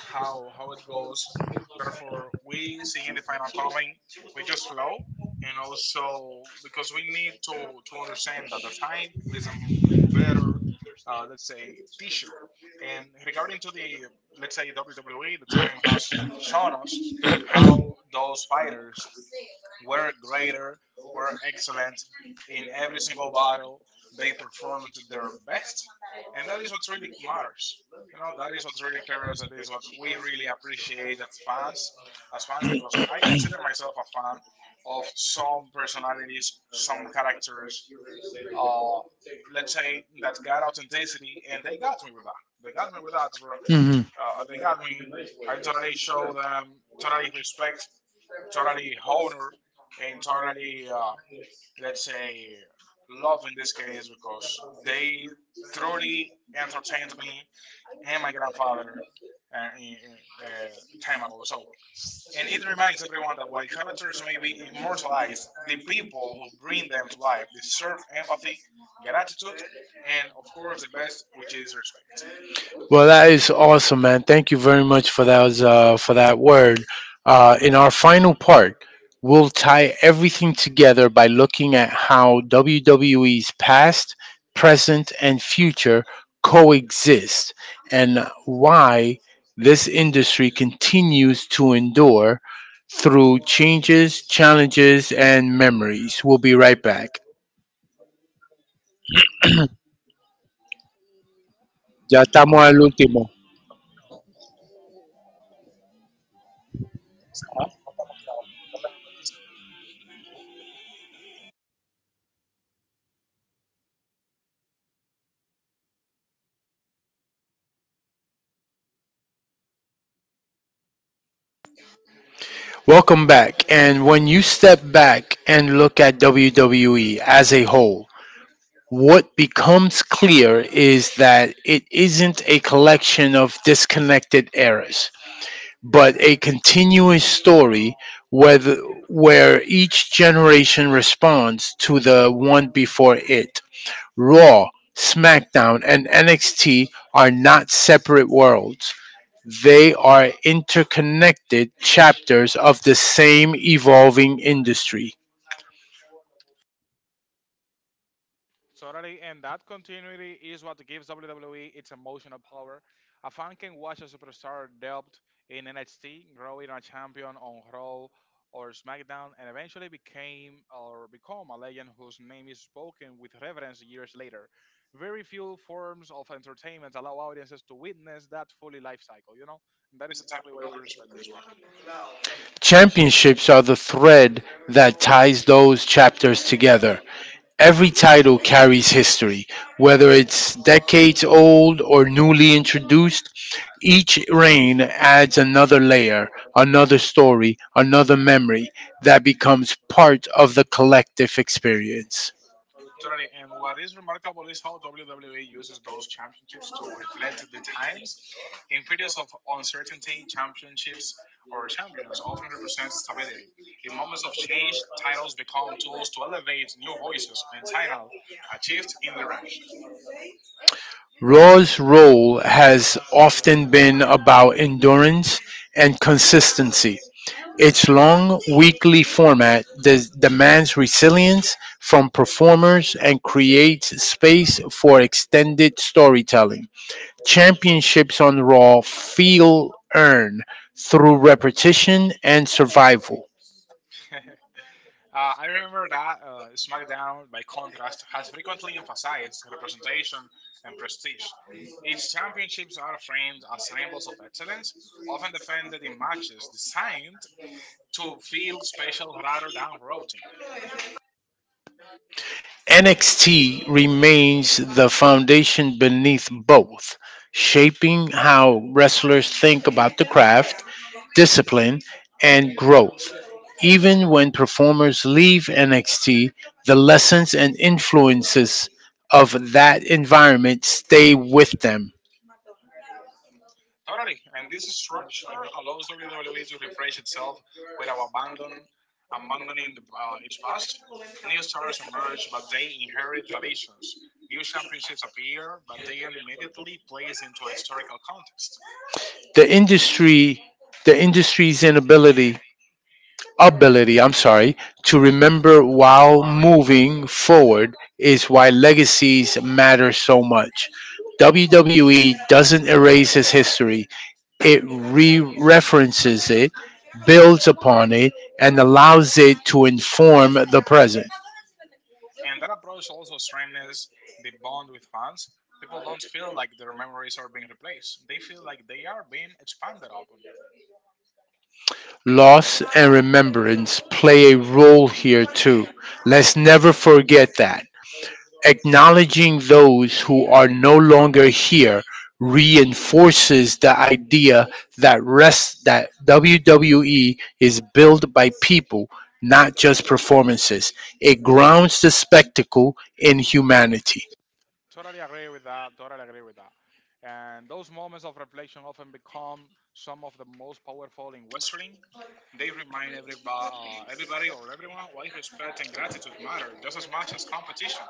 how it goes. Therefore, we see in the final coming, we just flow, and also because we need to understand that the time is a better, let's say, teacher. And regarding to the, let's say, WWE, the time has shown us how those fighters were greater, were excellent. In every single battle, they perform to their best. And that is what really matters. You know, that is what really cares. That is what we really appreciate as fans, because I consider myself a fan of some personalities, some characters, uh, let's say, that got authenticity, and they got me with that, bro.
hmm
They got me, I totally show them totally respect, totally honor, and totally, let's say, love in this case, because they truly entertained me and my grandfather uh, in, in, time ago. So, and it reminds everyone that while characters may be immortalized, the people who bring them to life deserve empathy, gratitude, and of course, the best, which is respect.
Well, that is awesome, man. Thank you very much for that word. In our final part, we'll tie everything together by looking at how WWE's past, present, and future coexist, and why this industry continues to endure through changes, challenges, and memories. We'll be right back. Ya estamos al último. Welcome back. And when you step back and look at WWE as a whole, what becomes clear is that it isn't a collection of disconnected eras, but a continuous story whether, where each generation responds to the one before it. Raw, SmackDown, and NXT are not separate worlds, they are interconnected chapters of the same evolving industry.
Totally, and that continuity is what gives WWE its emotional power. A fan can watch a superstar develop in NXT, growing a champion on Raw or SmackDown, and eventually became or become a legend whose name is spoken with reverence years later. Very few forms of entertainment allow audiences to witness that fully life cycle, you know? And that is exactly why we respect this one.
Championships are the thread that ties those chapters together. Every title carries history, whether it's decades old or newly introduced. Each reign adds another layer, another story, another memory that becomes part of the collective experience.
Totally. And what is remarkable is how WWE uses those championships to reflect the times. In periods of uncertainty, championships or champions often represent stability. In moments of change, titles become tools to elevate new voices and channel a shift in direction.
Raw's role has often been about endurance and consistency. Its long weekly format demands resilience from performers and creates space for extended storytelling. Championships on Raw feel earned through repetition and survival.
I remember that SmackDown, by contrast, has frequently emphasized representation and prestige. Its championships are framed as symbols of excellence, often defended in matches designed to feel special rather than routine.
NXT remains the foundation beneath both, shaping how wrestlers think about the craft, discipline, and growth. Even when performers leave NXT, the lessons and influences of that environment stay with them.
Totally. And this structure allows WWE to refresh itself without abandoning its past. New stars emerge, but they inherit traditions. New championships appear, but they are immediately placed into a historical context.
The industry the industry's inability ability, I'm sorry, to remember
Don't
while
worry.
moving forward is why legacies matter so much. WWE doesn't erase its history, it re references it, builds upon it, and allows it to inform the present.
And that approach also strengthens the bond with fans. People don't feel like their memories are being replaced. They feel like they are being expanded upon.
Loss and remembrance play a role here too. Let's never forget that. Acknowledging those who are no longer here reinforces the idea that WWE is built by people, not just performances. It grounds the spectacle in humanity.
Totally agree with that. Totally agree with that. And those moments of reflection often become some of the most powerful in wrestling. They remind everybody, everybody or everyone why respect and gratitude matter just as much as competition.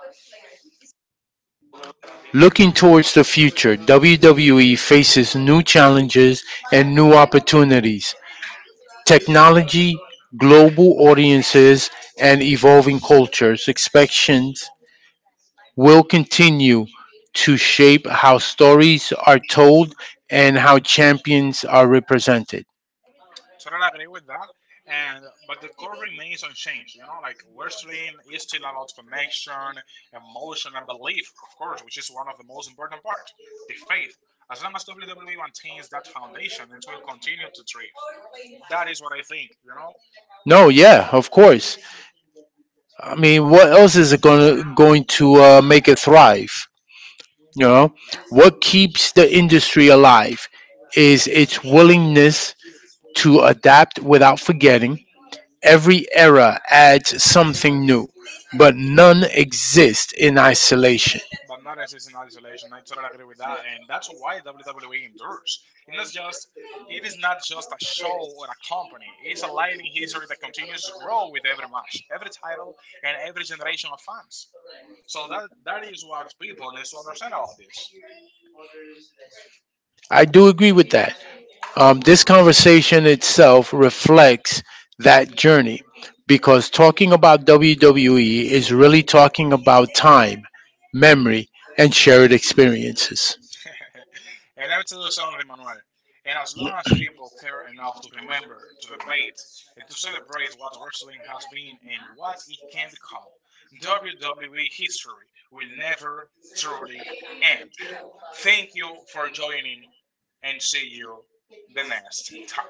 Looking towards the future, WWE faces new challenges and new opportunities. Technology, global audiences, and evolving cultures expectations will continue to shape how stories are told and how champions are represented.
Totally agree with that. And but the core remains unchanged. You know, like, wrestling is still about connection, emotion, and belief, of course, which is one of the most important part. The faith. As long as WWE maintains that foundation, it will continue to thrive. That is what I think. You know.
No, yeah, of course. I mean, what else is it gonna going to make it thrive? You know, what keeps the industry alive is its willingness to adapt without forgetting. Every era adds something new, but none exist in isolation.
But not exist in isolation. I totally agree with that, and that's why WWE endures. It's not just it is not just a show or a company. It's a living history that continues to grow with every match, every title, and every generation of fans. So that is what people need to understand about this.
I do agree with that. This conversation itself reflects that journey because talking about WWE is really talking about time, memory, and shared experiences.
And let me tell you something, Manuel. And as long as people care enough to remember, to debate, and to celebrate what wrestling has been and what it can become, WWE history will never truly end. Thank you for joining, and see you the next time.